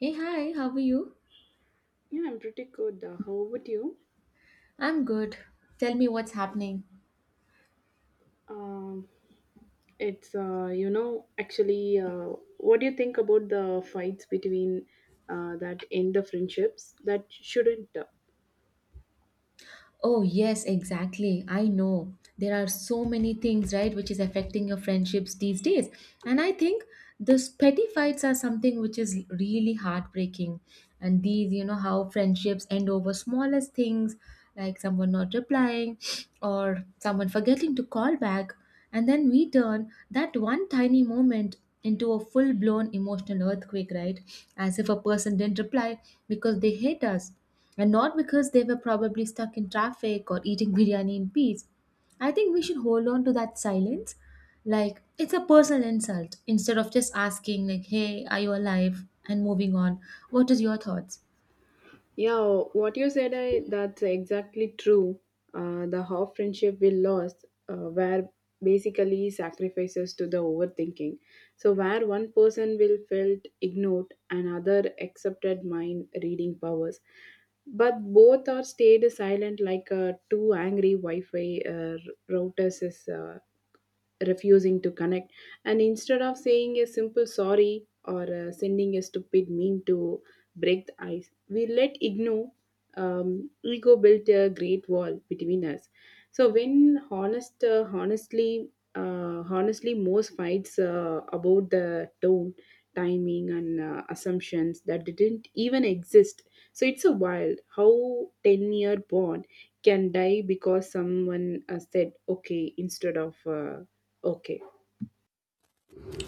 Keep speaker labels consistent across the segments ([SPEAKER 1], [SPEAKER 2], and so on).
[SPEAKER 1] Hey, hi, how are you?
[SPEAKER 2] Yeah, I'm pretty good. How about you?
[SPEAKER 1] I'm good. Tell me what's happening.
[SPEAKER 2] Um, it's actually, what do you think about the fights between that end the friendships that shouldn't?
[SPEAKER 1] Oh, yes, exactly. I know. There are so many things, right, which is affecting your friendships these days. And I think these petty fights are something which is really heartbreaking. And these, you know, how friendships end over smallest things, like someone not replying or someone forgetting to call back. And then we turn that one tiny moment into a full blown emotional earthquake, right? As if a person didn't reply because they hate us and not because they were probably stuck in traffic or eating biryani in peace. I think we should hold on to that silence. Like, it's a personal insult instead of just asking, like, hey, are you alive? And moving on. What is your thoughts?
[SPEAKER 2] Yeah, what you said, I, that's exactly true. The half friendship we lost were basically sacrifices to the overthinking. So, where one person will felt ignored, another accepted mind reading powers, but both are stayed silent like two angry Wi-Fi routers is refusing to connect, and instead of saying a simple sorry or sending a stupid meme to break the ice, we let ignore ego built a great wall between us. So when honestly, most fights about the tone, timing, and assumptions that didn't even exist. So it's a wild how 10-year bond can die because someone said okay instead of okay.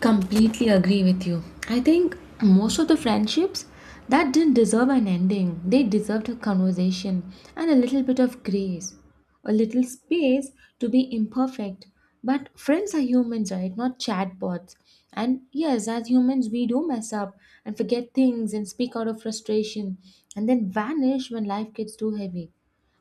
[SPEAKER 1] Completely agree with you. I think most of the friendships that didn't deserve an ending, they deserved a conversation and a little bit of grace, a little space to be imperfect. But friends are humans, right? Not chatbots. And yes, as humans, we do mess up and forget things and speak out of frustration and then vanish when life gets too heavy.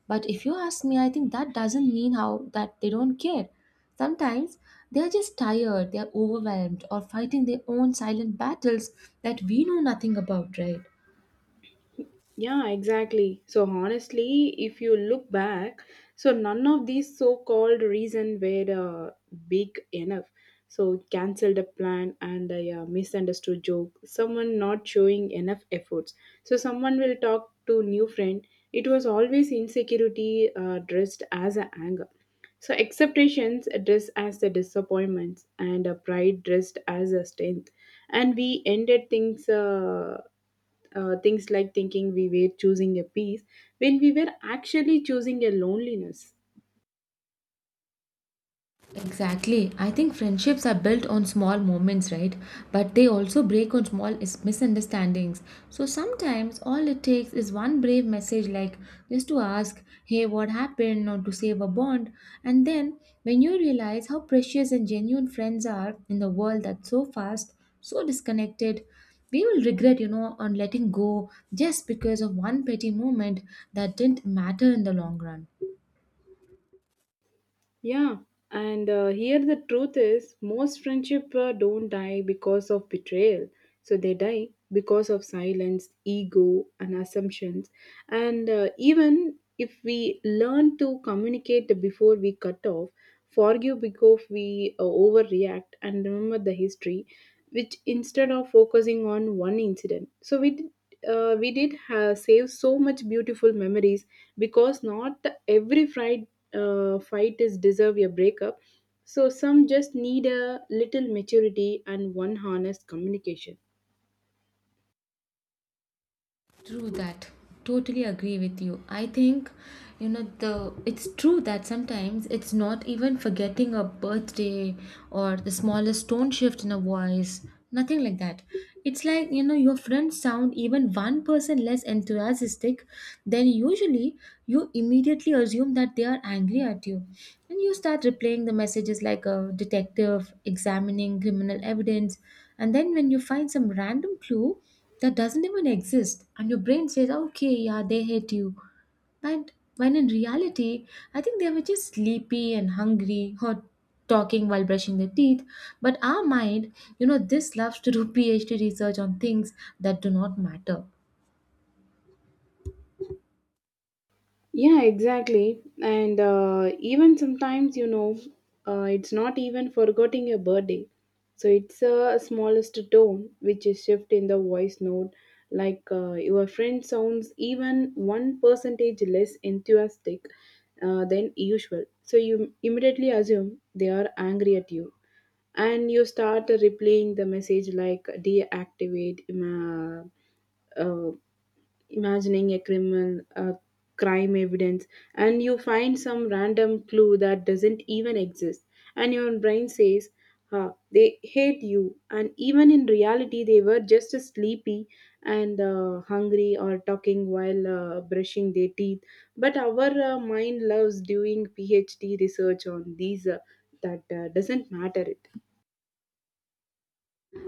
[SPEAKER 1] But if you ask me, I think that doesn't mean how that they don't care. Sometimes they are just tired, they are overwhelmed, or fighting their own silent battles that we know nothing about, right?
[SPEAKER 2] Yeah, exactly. So honestly, if you look back, so none of these so-called reason were big enough. So cancelled a plan and a misunderstood joke. Someone not showing enough efforts. So someone will talk to new friend. It was always insecurity dressed as a anger. So acceptations dressed as the disappointments and a pride dressed as a strength. And we ended things. Things like thinking we were choosing a peace when we were actually choosing a loneliness.
[SPEAKER 1] Exactly. I think friendships are built on small moments, right? But they also break on small misunderstandings. So sometimes all it takes is one brave message, like just to ask, hey, what happened, or to save a bond. And then when you realize how precious and genuine friends are in the world that's so fast, so disconnected, we will regret, you know, on letting go just because of one petty moment that didn't matter in the long run.
[SPEAKER 2] Yeah, and here the truth is, most friendship don't die because of betrayal. So they die because of silence, ego, and assumptions. And even if we learn to communicate before we cut off, forgive because we overreact and remember the history, which instead of focusing on one incident. So we did save so much beautiful memories, because not every fight is deserve a breakup. So some just need a little maturity and one honest communication.
[SPEAKER 1] True that. Totally agree with you. I think, you know, the it's true that sometimes it's not even forgetting a birthday or the smallest tone shift in a voice, nothing like that. It's like, you know, your friends sound even one person less enthusiastic, then usually you immediately assume that they are angry at you. And you start replaying the messages like a detective examining criminal evidence. And then when you find some random clue, that doesn't even exist, and your brain says, okay, yeah, they hate you. But when in reality, I think they were just sleepy and hungry or talking while brushing their teeth. But our mind, you know, this loves to do PhD research on things that do not matter.
[SPEAKER 2] Yeah, exactly. And even sometimes, you know, it's not even forgetting your birthday. So it's a smallest tone which is shift in the voice note. Like your friend sounds even one percentage less enthusiastic than usual. So you immediately assume they are angry at you, and you start replaying the message like deactivate uh, imagining a criminal, a crime evidence, and you find some random clue that doesn't even exist, and your brain says, "Ah, they hate you," and even in reality, they were just sleepy and hungry or talking while brushing their teeth. But our mind loves doing PhD research on these that doesn't matter.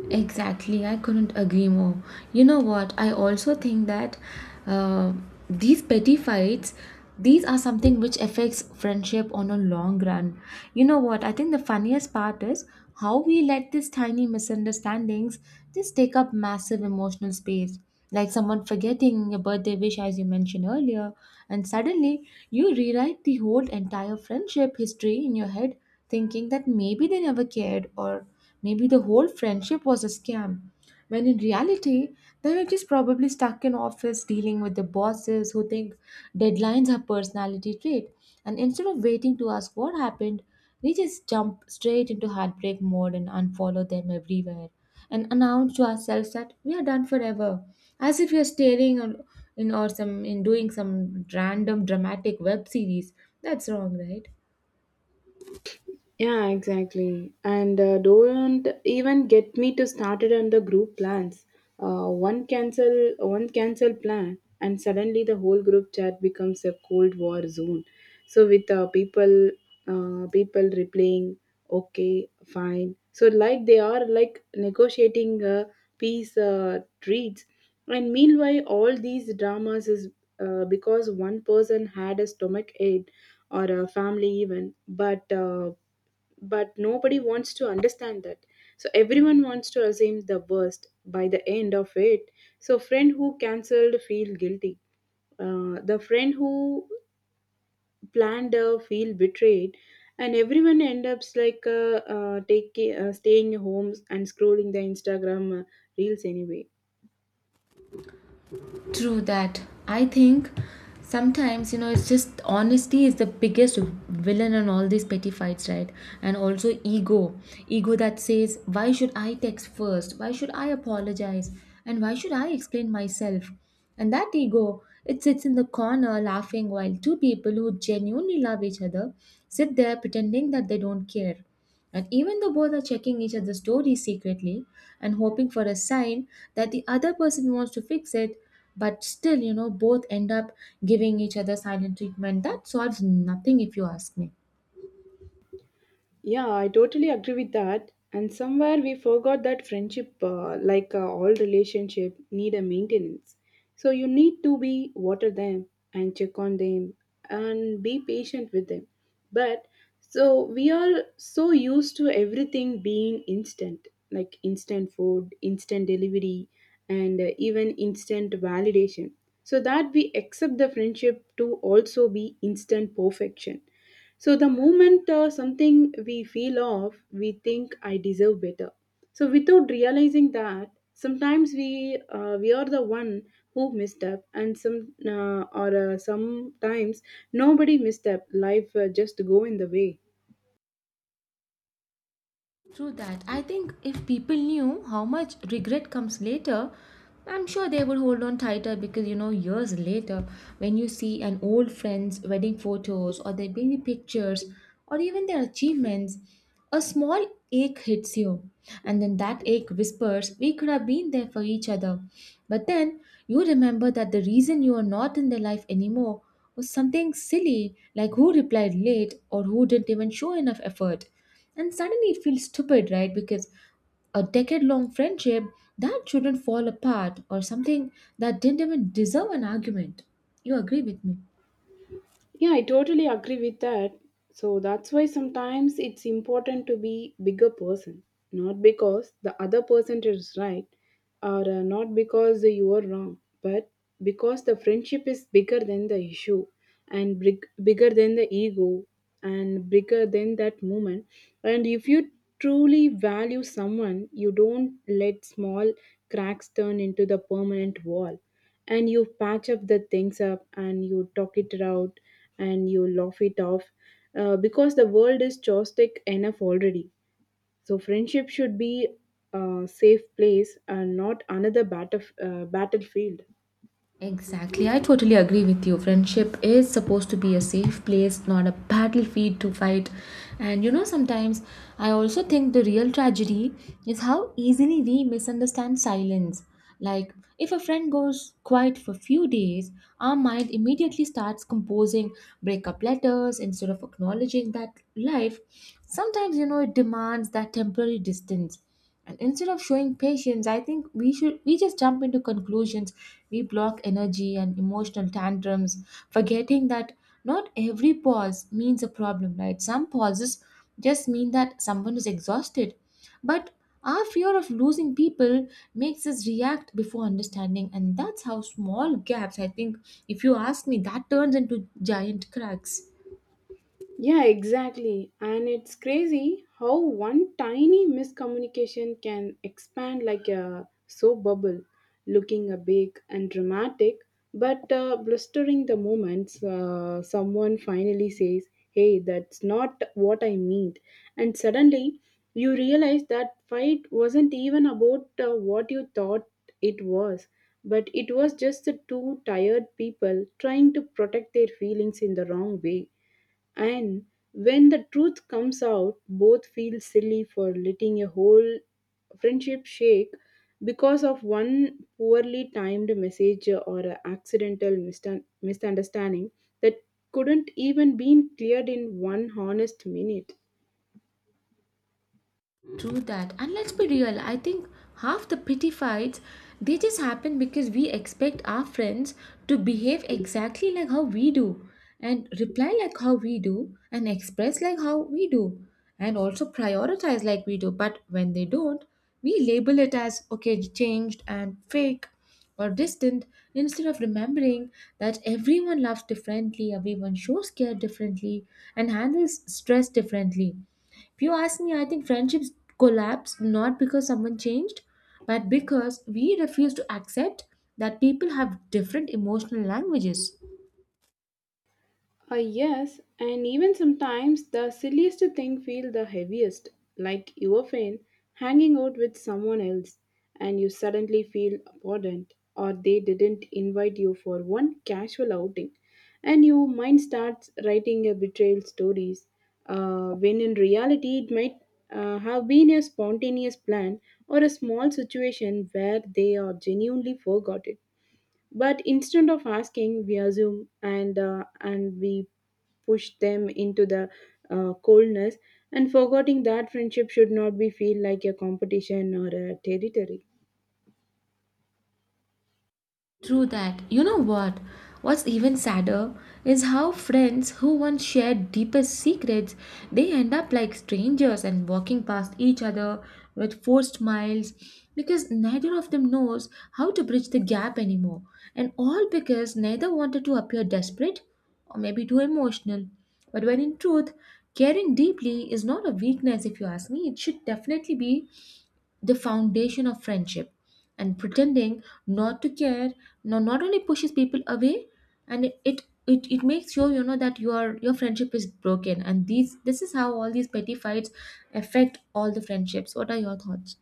[SPEAKER 1] Exactly, I couldn't agree more. You know what? I also think that uh, these petty fights, these are something which affects friendship on a long run. You know what? I think the funniest part is how we let these tiny misunderstandings just take up massive emotional space. Like someone forgetting a birthday wish, as you mentioned earlier, and suddenly you rewrite the whole entire friendship history in your head, thinking that maybe they never cared, or maybe the whole friendship was a scam, when in reality, they were just probably stuck in office dealing with the bosses who think deadlines are personality trait. And instead of waiting to ask what happened, they just jump straight into heartbreak mode and unfollow them everywhere and announce to ourselves that we are done forever, as if we are staring on, in or some in doing some random dramatic web series. That's wrong, right?
[SPEAKER 2] Yeah, exactly. And don't even get me to started on the group plans. One cancel plan, and suddenly the whole group chat becomes a cold war zone. So with people replying, okay, fine. So like they are like negotiating peace treats, and meanwhile all these dramas is because one person had a stomach ache or a family even, but nobody wants to understand that. So everyone wants to assume the worst. By the end of it, so friend who cancelled feel guilty, the friend who planned feel betrayed, and everyone end up like taking staying home and scrolling the instagram reels anyway.
[SPEAKER 1] True that. I think sometimes, you know, it's just honesty is the biggest villain in all these petty fights, right? And also ego. Ego that says, why should I text first? Why should I apologize? And why should I explain myself? And that ego, it sits in the corner laughing while two people who genuinely love each other sit there pretending that they don't care. And even though both are checking each other's stories secretly and hoping for a sign that the other person wants to fix it, but still, you know, both end up giving each other silent treatment. That solves nothing if you ask me.
[SPEAKER 2] Yeah, I totally agree with that. And somewhere we forgot that friendship, all relationship, need a maintenance. So you need to be water them and check on them and be patient with them. But so we are so used to everything being instant, like instant food, instant delivery, and even instant validation. So that we accept the friendship to also be instant perfection. So the moment something we feel off, we think I deserve better. So without realizing that, sometimes we are the one who misstep, and sometimes nobody misstep. Life just go in the way.
[SPEAKER 1] True that. I think if people knew how much regret comes later, I'm sure they would hold on tighter, because you know years later, when you see an old friend's wedding photos or their baby pictures or even their achievements, a small ache hits you, and then that ache whispers, "We could have been there for each other." But then you remember that the reason you are not in their life anymore was something silly, like who replied late or who didn't even show enough effort. And suddenly it feels stupid, right? Because a decade long friendship that shouldn't fall apart or something that didn't even deserve an argument. You agree with me?
[SPEAKER 2] Yeah, I totally agree with that. So that's why sometimes it's important to be bigger person, not because the other person is right or not because you are wrong, but because the friendship is bigger than the issue and bigger than the ego and bigger than that moment. And if you truly value someone, you don't let small cracks turn into the permanent wall, and you patch up the things up, and you talk it out, and you laugh it off, because the world is chaotic enough already. So friendship should be a safe place, and not another battlefield.
[SPEAKER 1] Exactly, I totally agree with you. Friendship is supposed to be a safe place, not a battlefield to fight. And you know, sometimes I also think the real tragedy is how easily we misunderstand silence. Like, if a friend goes quiet for few days, our mind immediately starts composing breakup letters instead of acknowledging that life sometimes, you know, it demands that temporary distance. And instead of showing patience, I think we just jump into conclusions. We block energy and emotional tantrums, forgetting that not every pause means a problem, right? Some pauses just mean that someone is exhausted. But our fear of losing people makes us react before understanding, and that's how small gaps, I think, if you ask me, that turns into giant cracks.
[SPEAKER 2] Yeah, exactly. And it's crazy how one tiny miscommunication can expand like a soap bubble, looking a big and dramatic, but blustering the moments someone finally says, "Hey, that's not what I meant." And suddenly you realize that fight wasn't even about what you thought it was, but it was just the two tired people trying to protect their feelings in the wrong way. And when the truth comes out, both feel silly for letting a whole friendship shake because of one poorly timed message or a accidental misunderstanding that couldn't even be cleared in one honest minute.
[SPEAKER 1] True that. And let's be real, I think half the petty fights they just happen because we expect our friends to behave exactly like how we do and reply like how we do and express like how we do and also prioritize like we do. But when they don't, we label it as okay, changed and fake or distant, instead of remembering that everyone loves differently, everyone shows care differently and handles stress differently. If you ask me, I think friendships collapse not because someone changed, but because we refuse to accept that people have different emotional languages.
[SPEAKER 2] Yes, and even sometimes the silliest thing feel the heaviest, like you are fan hanging out with someone else and you suddenly feel abandoned, or they didn't invite you for one casual outing and your mind starts writing a betrayal stories, when in reality it might have been a spontaneous plan or a small situation where they are genuinely forgot it. But instead of asking, we assume, and we push them into the coldness, and forgetting that friendship should not be feel like a competition or a territory.
[SPEAKER 1] True that. You know what? What's even sadder is how friends who once shared deepest secrets, they end up like strangers and walking past each other with forced smiles because neither of them knows how to bridge the gap anymore. And all because neither wanted to appear desperate or maybe too emotional. But when in truth, caring deeply is not a weakness if you ask me. It should definitely be the foundation of friendship, and pretending not to care, no, not only pushes people away, and it makes sure, you know, that your friendship is broken. And these this is how all these petty fights affect all the friendships. What are your thoughts?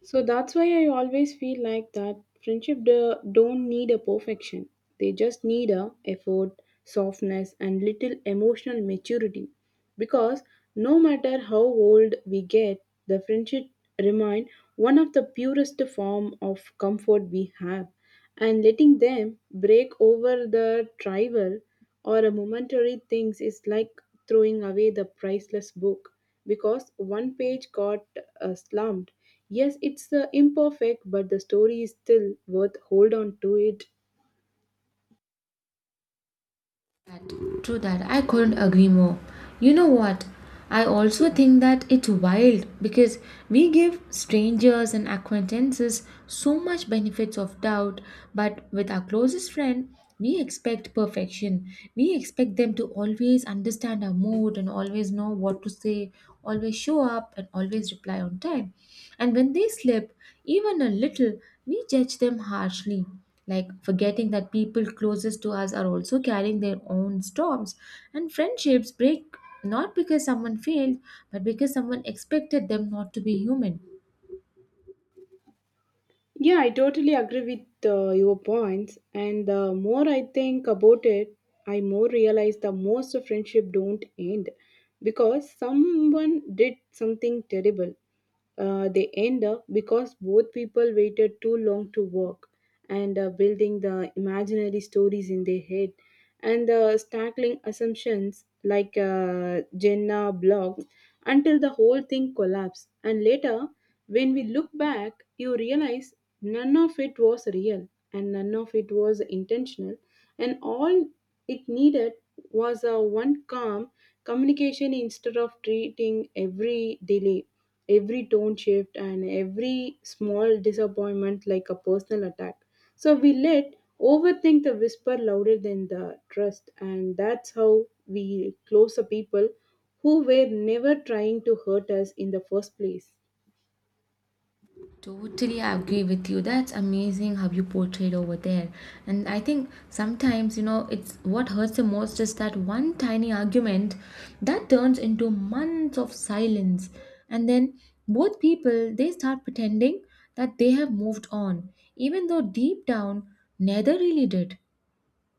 [SPEAKER 2] So that's why I always feel like that friendship don't need a perfection. They just need a effort, softness, and little emotional maturity, because no matter how old we get, the friendship remain one of the purest form of comfort we have, and letting them break over the tribal or a momentary things is like throwing away the priceless book because one page got slumped. Yes, it's imperfect, but the story is still worth hold on to it.
[SPEAKER 1] That. True that. I couldn't agree more. You know what? I also think that it's wild because we give strangers and acquaintances so much benefits of doubt, but with our closest friend, we expect perfection. We expect them to always understand our mood and always know what to say, always show up, and always reply on time. And when they slip, even a little, we judge them harshly, like forgetting that people closest to us are also carrying their own storms, and friendships break not because someone failed but because someone expected them not to be human.
[SPEAKER 2] Yeah, I totally agree with your points. And the more I think about it, I more realize the most of friendship don't end because someone did something terrible. They end up because both people waited too long to work, and building the imaginary stories in their head and the stackling assumptions like Jenna blog, until the whole thing collapsed. And later, when we look back, you realize none of it was real and none of it was intentional, and all it needed was a one calm communication, instead of treating every delay, every tone shift, and every small disappointment like a personal attack. So we let overthink the whisper louder than the trust, and that's how we close the people who were never trying to hurt us in the first place.
[SPEAKER 1] Totally agree with you. That's amazing how you portrayed over there. And I think sometimes, you know, it's what hurts the most is that one tiny argument that turns into months of silence. And then both people, they start pretending that they have moved on, even though deep down, neither really did.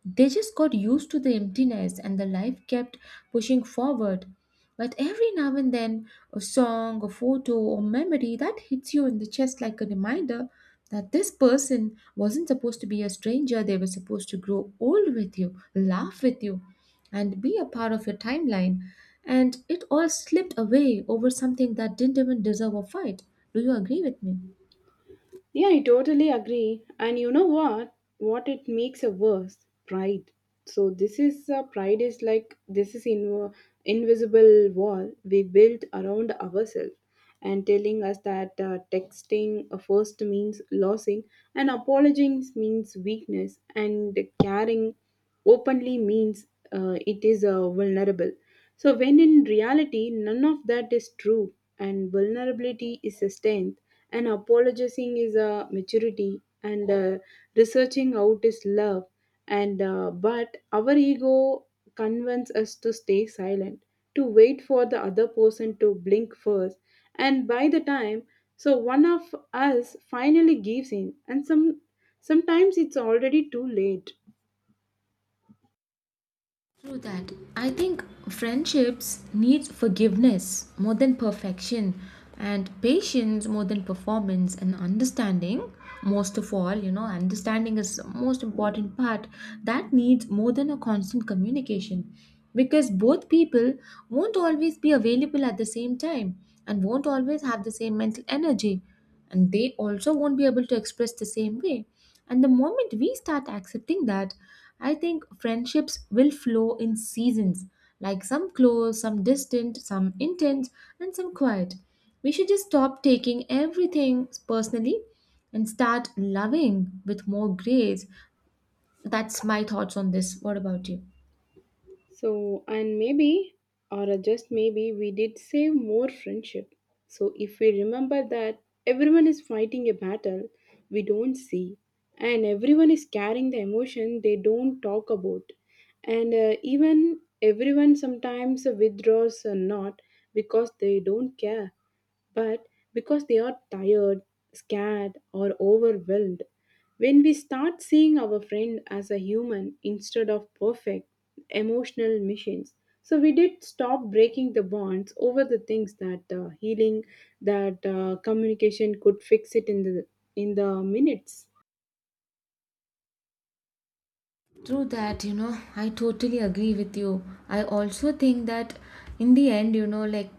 [SPEAKER 1] They just got used to the emptiness, and the life kept pushing forward. But every now and then a song, a photo or memory that hits you in the chest like a reminder that this person wasn't supposed to be a stranger. They were supposed to grow old with you, laugh with you, and be a part of your timeline. And it all slipped away over something that didn't even deserve a fight. Do you agree with me?
[SPEAKER 2] Yeah, I totally agree. And you know what? What it makes a worse pride. So this is pride is like, this is in invisible wall we build around ourselves, and telling us that texting first means losing, and apologizing means weakness, and caring openly means it is vulnerable. So, when in reality, none of that is true, and vulnerability is a strength, and apologizing is a maturity, and researching out is love. And but our ego convinces us to stay silent, to wait for the other person to blink first, and by the time, so one of us finally gives in, and sometimes it's already too late.
[SPEAKER 1] True that. I think friendships need forgiveness more than perfection, and patience more than performance, and understanding most of all. You know, understanding is the most important part that needs more than a constant communication, because both people won't always be available at the same time and won't always have the same mental energy, and they also won't be able to express the same way. And the moment we start accepting that, I think friendships will flow in seasons, like some close, some distant, some intense, and some quiet. We should just stop taking everything personally and start loving with more grace. That's my thoughts on this. What about you?
[SPEAKER 2] So, and maybe, or just maybe, we did save more friendship. So, if we remember that everyone is fighting a battle we don't see, and everyone is carrying the emotion they don't talk about, and even everyone sometimes withdraws or not because they don't care, but because they are tired, scared, or overwhelmed. When we start seeing our friend as a human instead of perfect emotional machines, so we did stop breaking the bonds over the things that healing, that communication could fix it in the minutes.
[SPEAKER 1] True that, you know, I totally agree with you. I also think that in the end, you know, like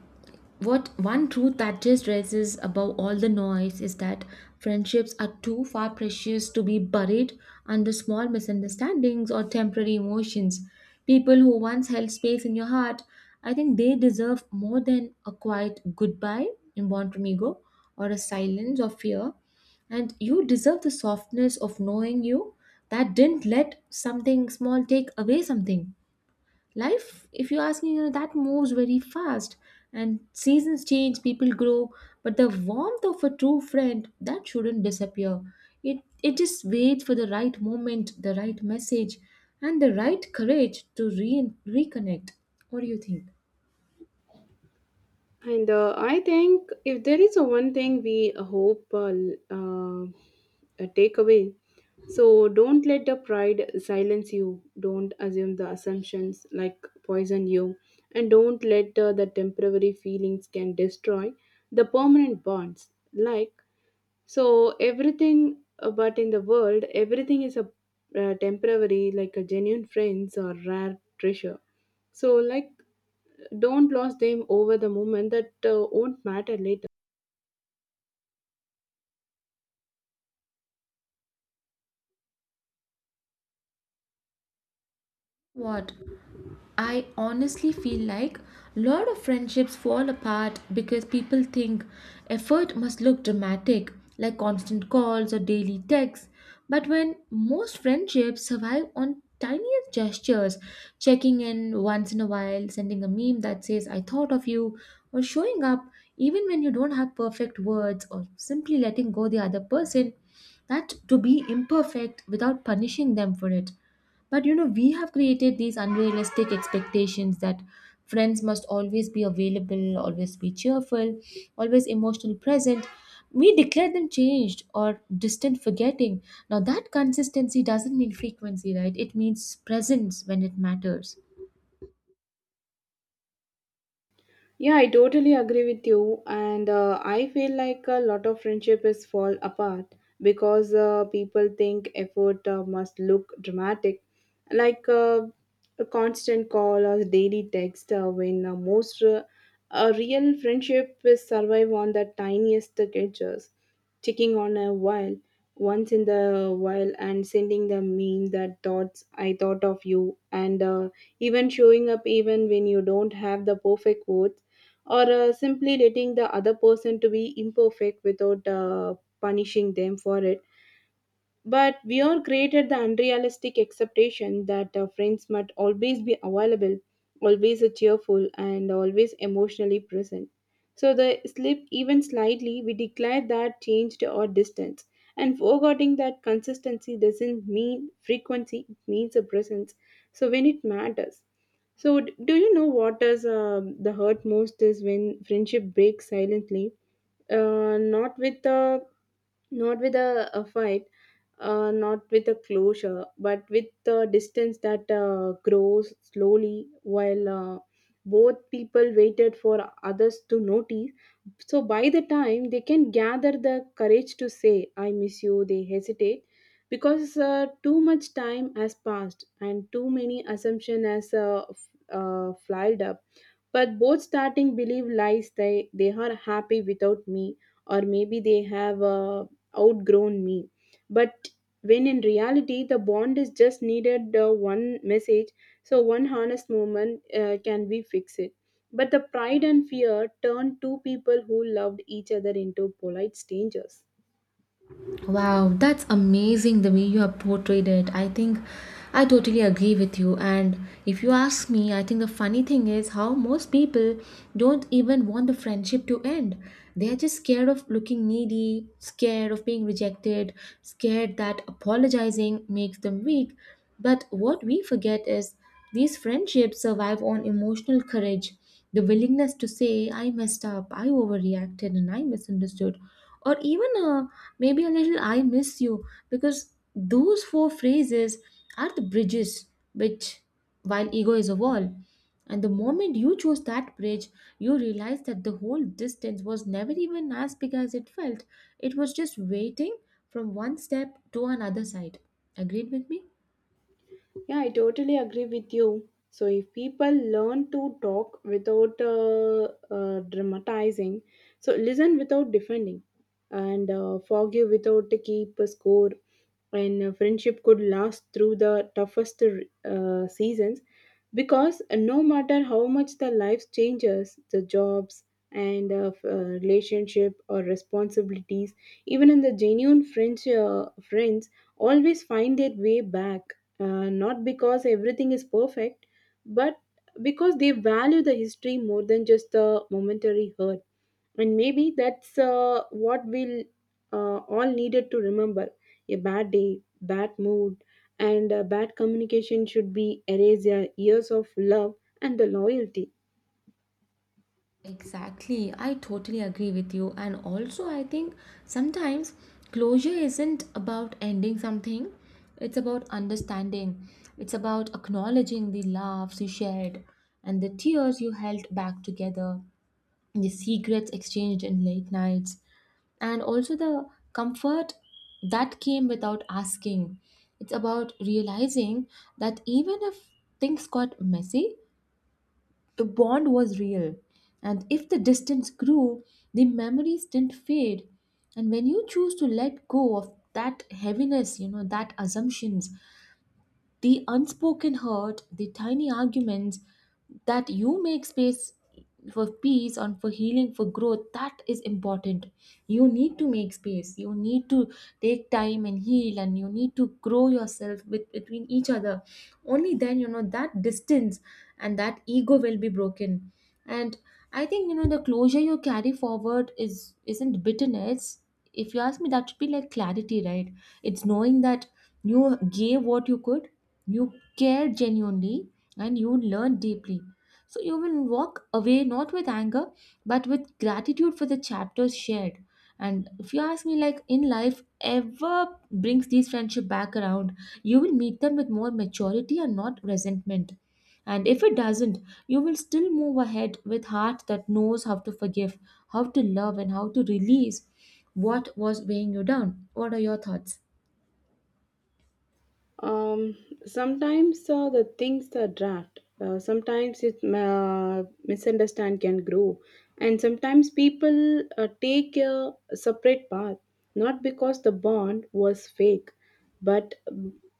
[SPEAKER 1] what one truth that just rises above all the noise is that friendships are too far precious to be buried under small misunderstandings or temporary emotions. People who once held space in your heart, I think they deserve more than a quiet goodbye in Bon Amigo or a silence of fear, and you deserve the softness of knowing you that didn't let something small take away something. Life, if you ask me, you know, that moves very fast, and seasons change, people grow, but the warmth of a true friend that shouldn't disappear. It just waits for the right moment, the right message, and the right courage to reconnect. What do you think?
[SPEAKER 2] And I think if there is a one thing we hope uh, take away, so don't let the pride silence you. Don't assume the assumptions like poison you, and don't let the temporary feelings can destroy the permanent bonds. Like so everything, but in the world, everything is a temporary, like a genuine friends or rare treasure. So like, don't lose them over the moment that won't matter later.
[SPEAKER 1] What? I honestly feel like a lot of friendships fall apart because people think effort must look dramatic, like constant calls or daily texts. But when most friendships survive on tiniest gestures, checking in once in a while, sending a meme that says, I thought of you, or showing up even when you don't have perfect words, or simply letting go the other person, that to be imperfect without punishing them for it. But you know, we have created these unrealistic expectations that friends must always be available, always be cheerful, always emotionally present. We declare them changed or distant forgetting. Now, that consistency doesn't mean frequency, right? It means presence when it matters.
[SPEAKER 2] Yeah, I totally agree with you. And I feel like a lot of friendship is fall apart because people think effort must look dramatic, like a constant call or daily text. When most, a real friendship is survive on the tiniest gestures, checking on a while once in the while and sending the meme that thoughts I thought of you, and even showing up even when you don't have the perfect words or simply letting the other person to be imperfect without punishing them for it, but we are created the unrealistic expectation that friends must always be available, always cheerful and always emotionally present, so the slip even slightly we declare that changed or distance, and forgetting that consistency doesn't mean frequency, it means a presence so when it matters. So, do you know what does the hurt most is when friendship breaks silently? Not with a, not with a fight, not with a closure, but with the distance that grows slowly while both people waited for others to notice. So by the time they can gather the courage to say, I miss you, they hesitate because too much time has passed and too many assumption has filed up, but both starting believe lies, they are happy without me, or maybe they have outgrown me. But when in reality, the bond is just needed one message, so one honest moment can we fix it. But the pride and fear turned two people who loved each other into polite strangers.
[SPEAKER 1] Wow, that's amazing the way you have portrayed it. I think I totally agree with you. And if you ask me, I think the funny thing is how most people don't even want the friendship to end. They are just scared of looking needy, scared of being rejected, scared that apologizing makes them weak. But what we forget is these friendships survive on emotional courage, the willingness to say, I messed up, I overreacted, and I misunderstood, or even a maybe a little I miss you, because those four phrases are the bridges which, while ego is a wall, and the moment you chose that bridge, you realize that the whole distance was never even as big as it felt. It was just waiting from one step to another side. Agreed with me?
[SPEAKER 2] Yeah, I totally agree with you. So, if people learn to talk without dramatizing, so listen without defending, and forgive without to keep a score, and friendship could last through the toughest seasons, because no matter how much the life changes, the jobs and relationship or responsibilities, even in the genuine French friends, always find their way back, not because everything is perfect, but because they value the history more than just the momentary hurt. And maybe that's what we'll all needed to remember. A bad day, bad mood, and bad communication should be erased years of love and the loyalty.
[SPEAKER 1] Exactly, I totally agree with you. And also, I think sometimes closure isn't about ending something, it's about understanding, it's about acknowledging the laughs you shared and the tears you held back together, the secrets exchanged in late nights, and also the comfort that came without asking. It's about realizing that even if things got messy, the bond was real, and if the distance grew, the memories didn't fade. And when you choose to let go of that heaviness, you know, that assumptions, the unspoken hurt, the tiny arguments, that you make space for peace and for healing, for growth, that is important. You need to make space. You need to take time and heal, and you need to grow yourself with, between each other. Only then, you know, that distance and that ego will be broken. And I think you know the closure you carry forward is isn't bitterness. If you ask me, that should be like clarity, right? It's knowing that you gave what you could, you care genuinely, and you learn deeply, so you will walk away not with anger but with gratitude for the chapters shared. And if you ask me, like in life ever brings these friendship back around, you will meet them with more maturity and not resentment. And if it doesn't, you will still move ahead with heart that knows how to forgive, how to love, and how to release what was weighing you down. What are your thoughts?
[SPEAKER 2] Um, Sometimes the things are draft. Sometimes it misunderstand can grow, and sometimes people take a separate path, not because the bond was fake, but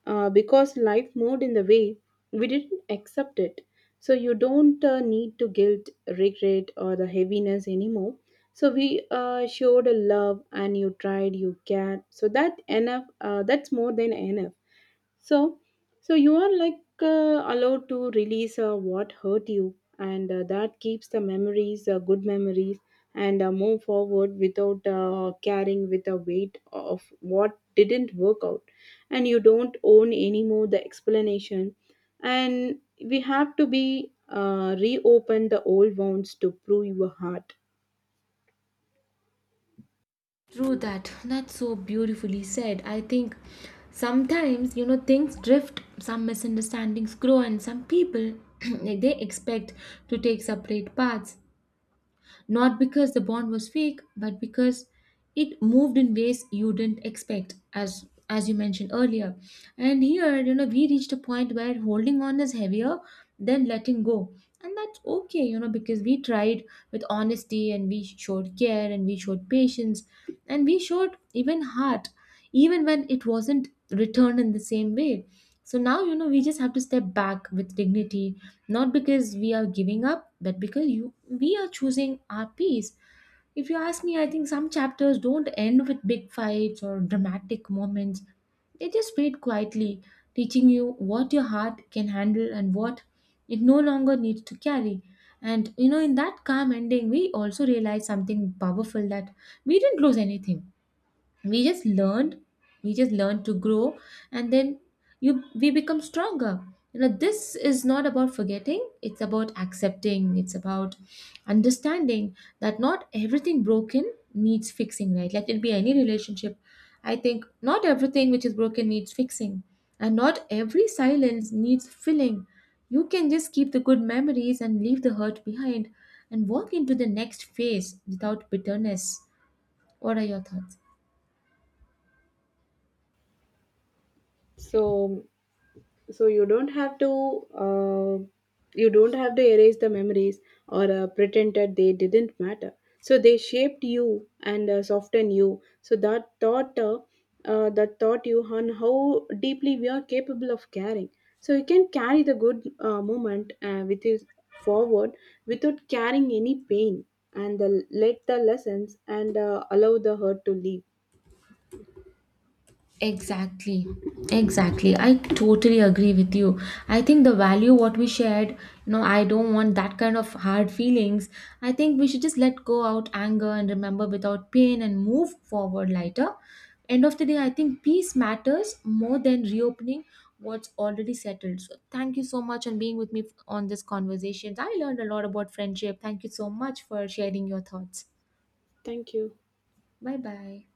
[SPEAKER 2] because life moved in the way we didn't accept it. So you don't need to guilt, regret, or the heaviness anymore. So we showed a love, and you tried, you cared. So that enough. That's more than enough. So, so you are like allowed to release what hurt you, and that keeps the memories, good memories, and move forward without carrying with the weight of what didn't work out. And you don't own anymore the explanation, and we have to be reopen the old wounds to prove your heart.
[SPEAKER 1] True that. That's so beautifully said. I think sometimes, you know, things drift, some misunderstandings grow, and some people they expect to take separate paths, not because the bond was fake, but because it moved in ways you didn't expect, as you mentioned earlier. And here, you know, we reached a point where holding on is heavier than letting go, and that's okay, you know, because we tried with honesty, and we showed care, and we showed patience, and we showed even heart, even when it wasn't returned in the same way. So now, you know, we just have to step back with dignity, not because we are giving up, but because you we are choosing our peace. If you ask me, I think some chapters don't end with big fights or dramatic moments, they just fade quietly, teaching you what your heart can handle and what it no longer needs to carry. And you know, in that calm ending, we also realize something powerful, that we didn't lose anything. We just learned we just learned to grow. And then, you we become stronger. You know, this is not about forgetting, it's about accepting, it's about understanding that not everything broken needs fixing, right? Let it be any relationship, I think not everything which is broken needs fixing, and not every silence needs filling. You can just keep the good memories and leave the hurt behind, and walk into the next phase without bitterness. What are your thoughts?
[SPEAKER 2] So so, you don't have to, uh, you don't have to erase the memories or pretend that they didn't matter, so they shaped you and softened you, so that thought, that taught you on how deeply we are capable of caring, so you can carry the good moment with you forward without carrying any pain, and the, let the lessons and allow the hurt to leave.
[SPEAKER 1] Exactly, exactly. I totally agree with you. I think the value what we shared, you know, I don't want that kind of hard feelings. I think we should just let go out anger and remember without pain and move forward lighter. End of the day, I think peace matters more than reopening what's already settled. So thank you so much on being with me on this conversation. I learned a lot about friendship. Thank you so much for sharing your thoughts.
[SPEAKER 2] Thank you.
[SPEAKER 1] Bye bye.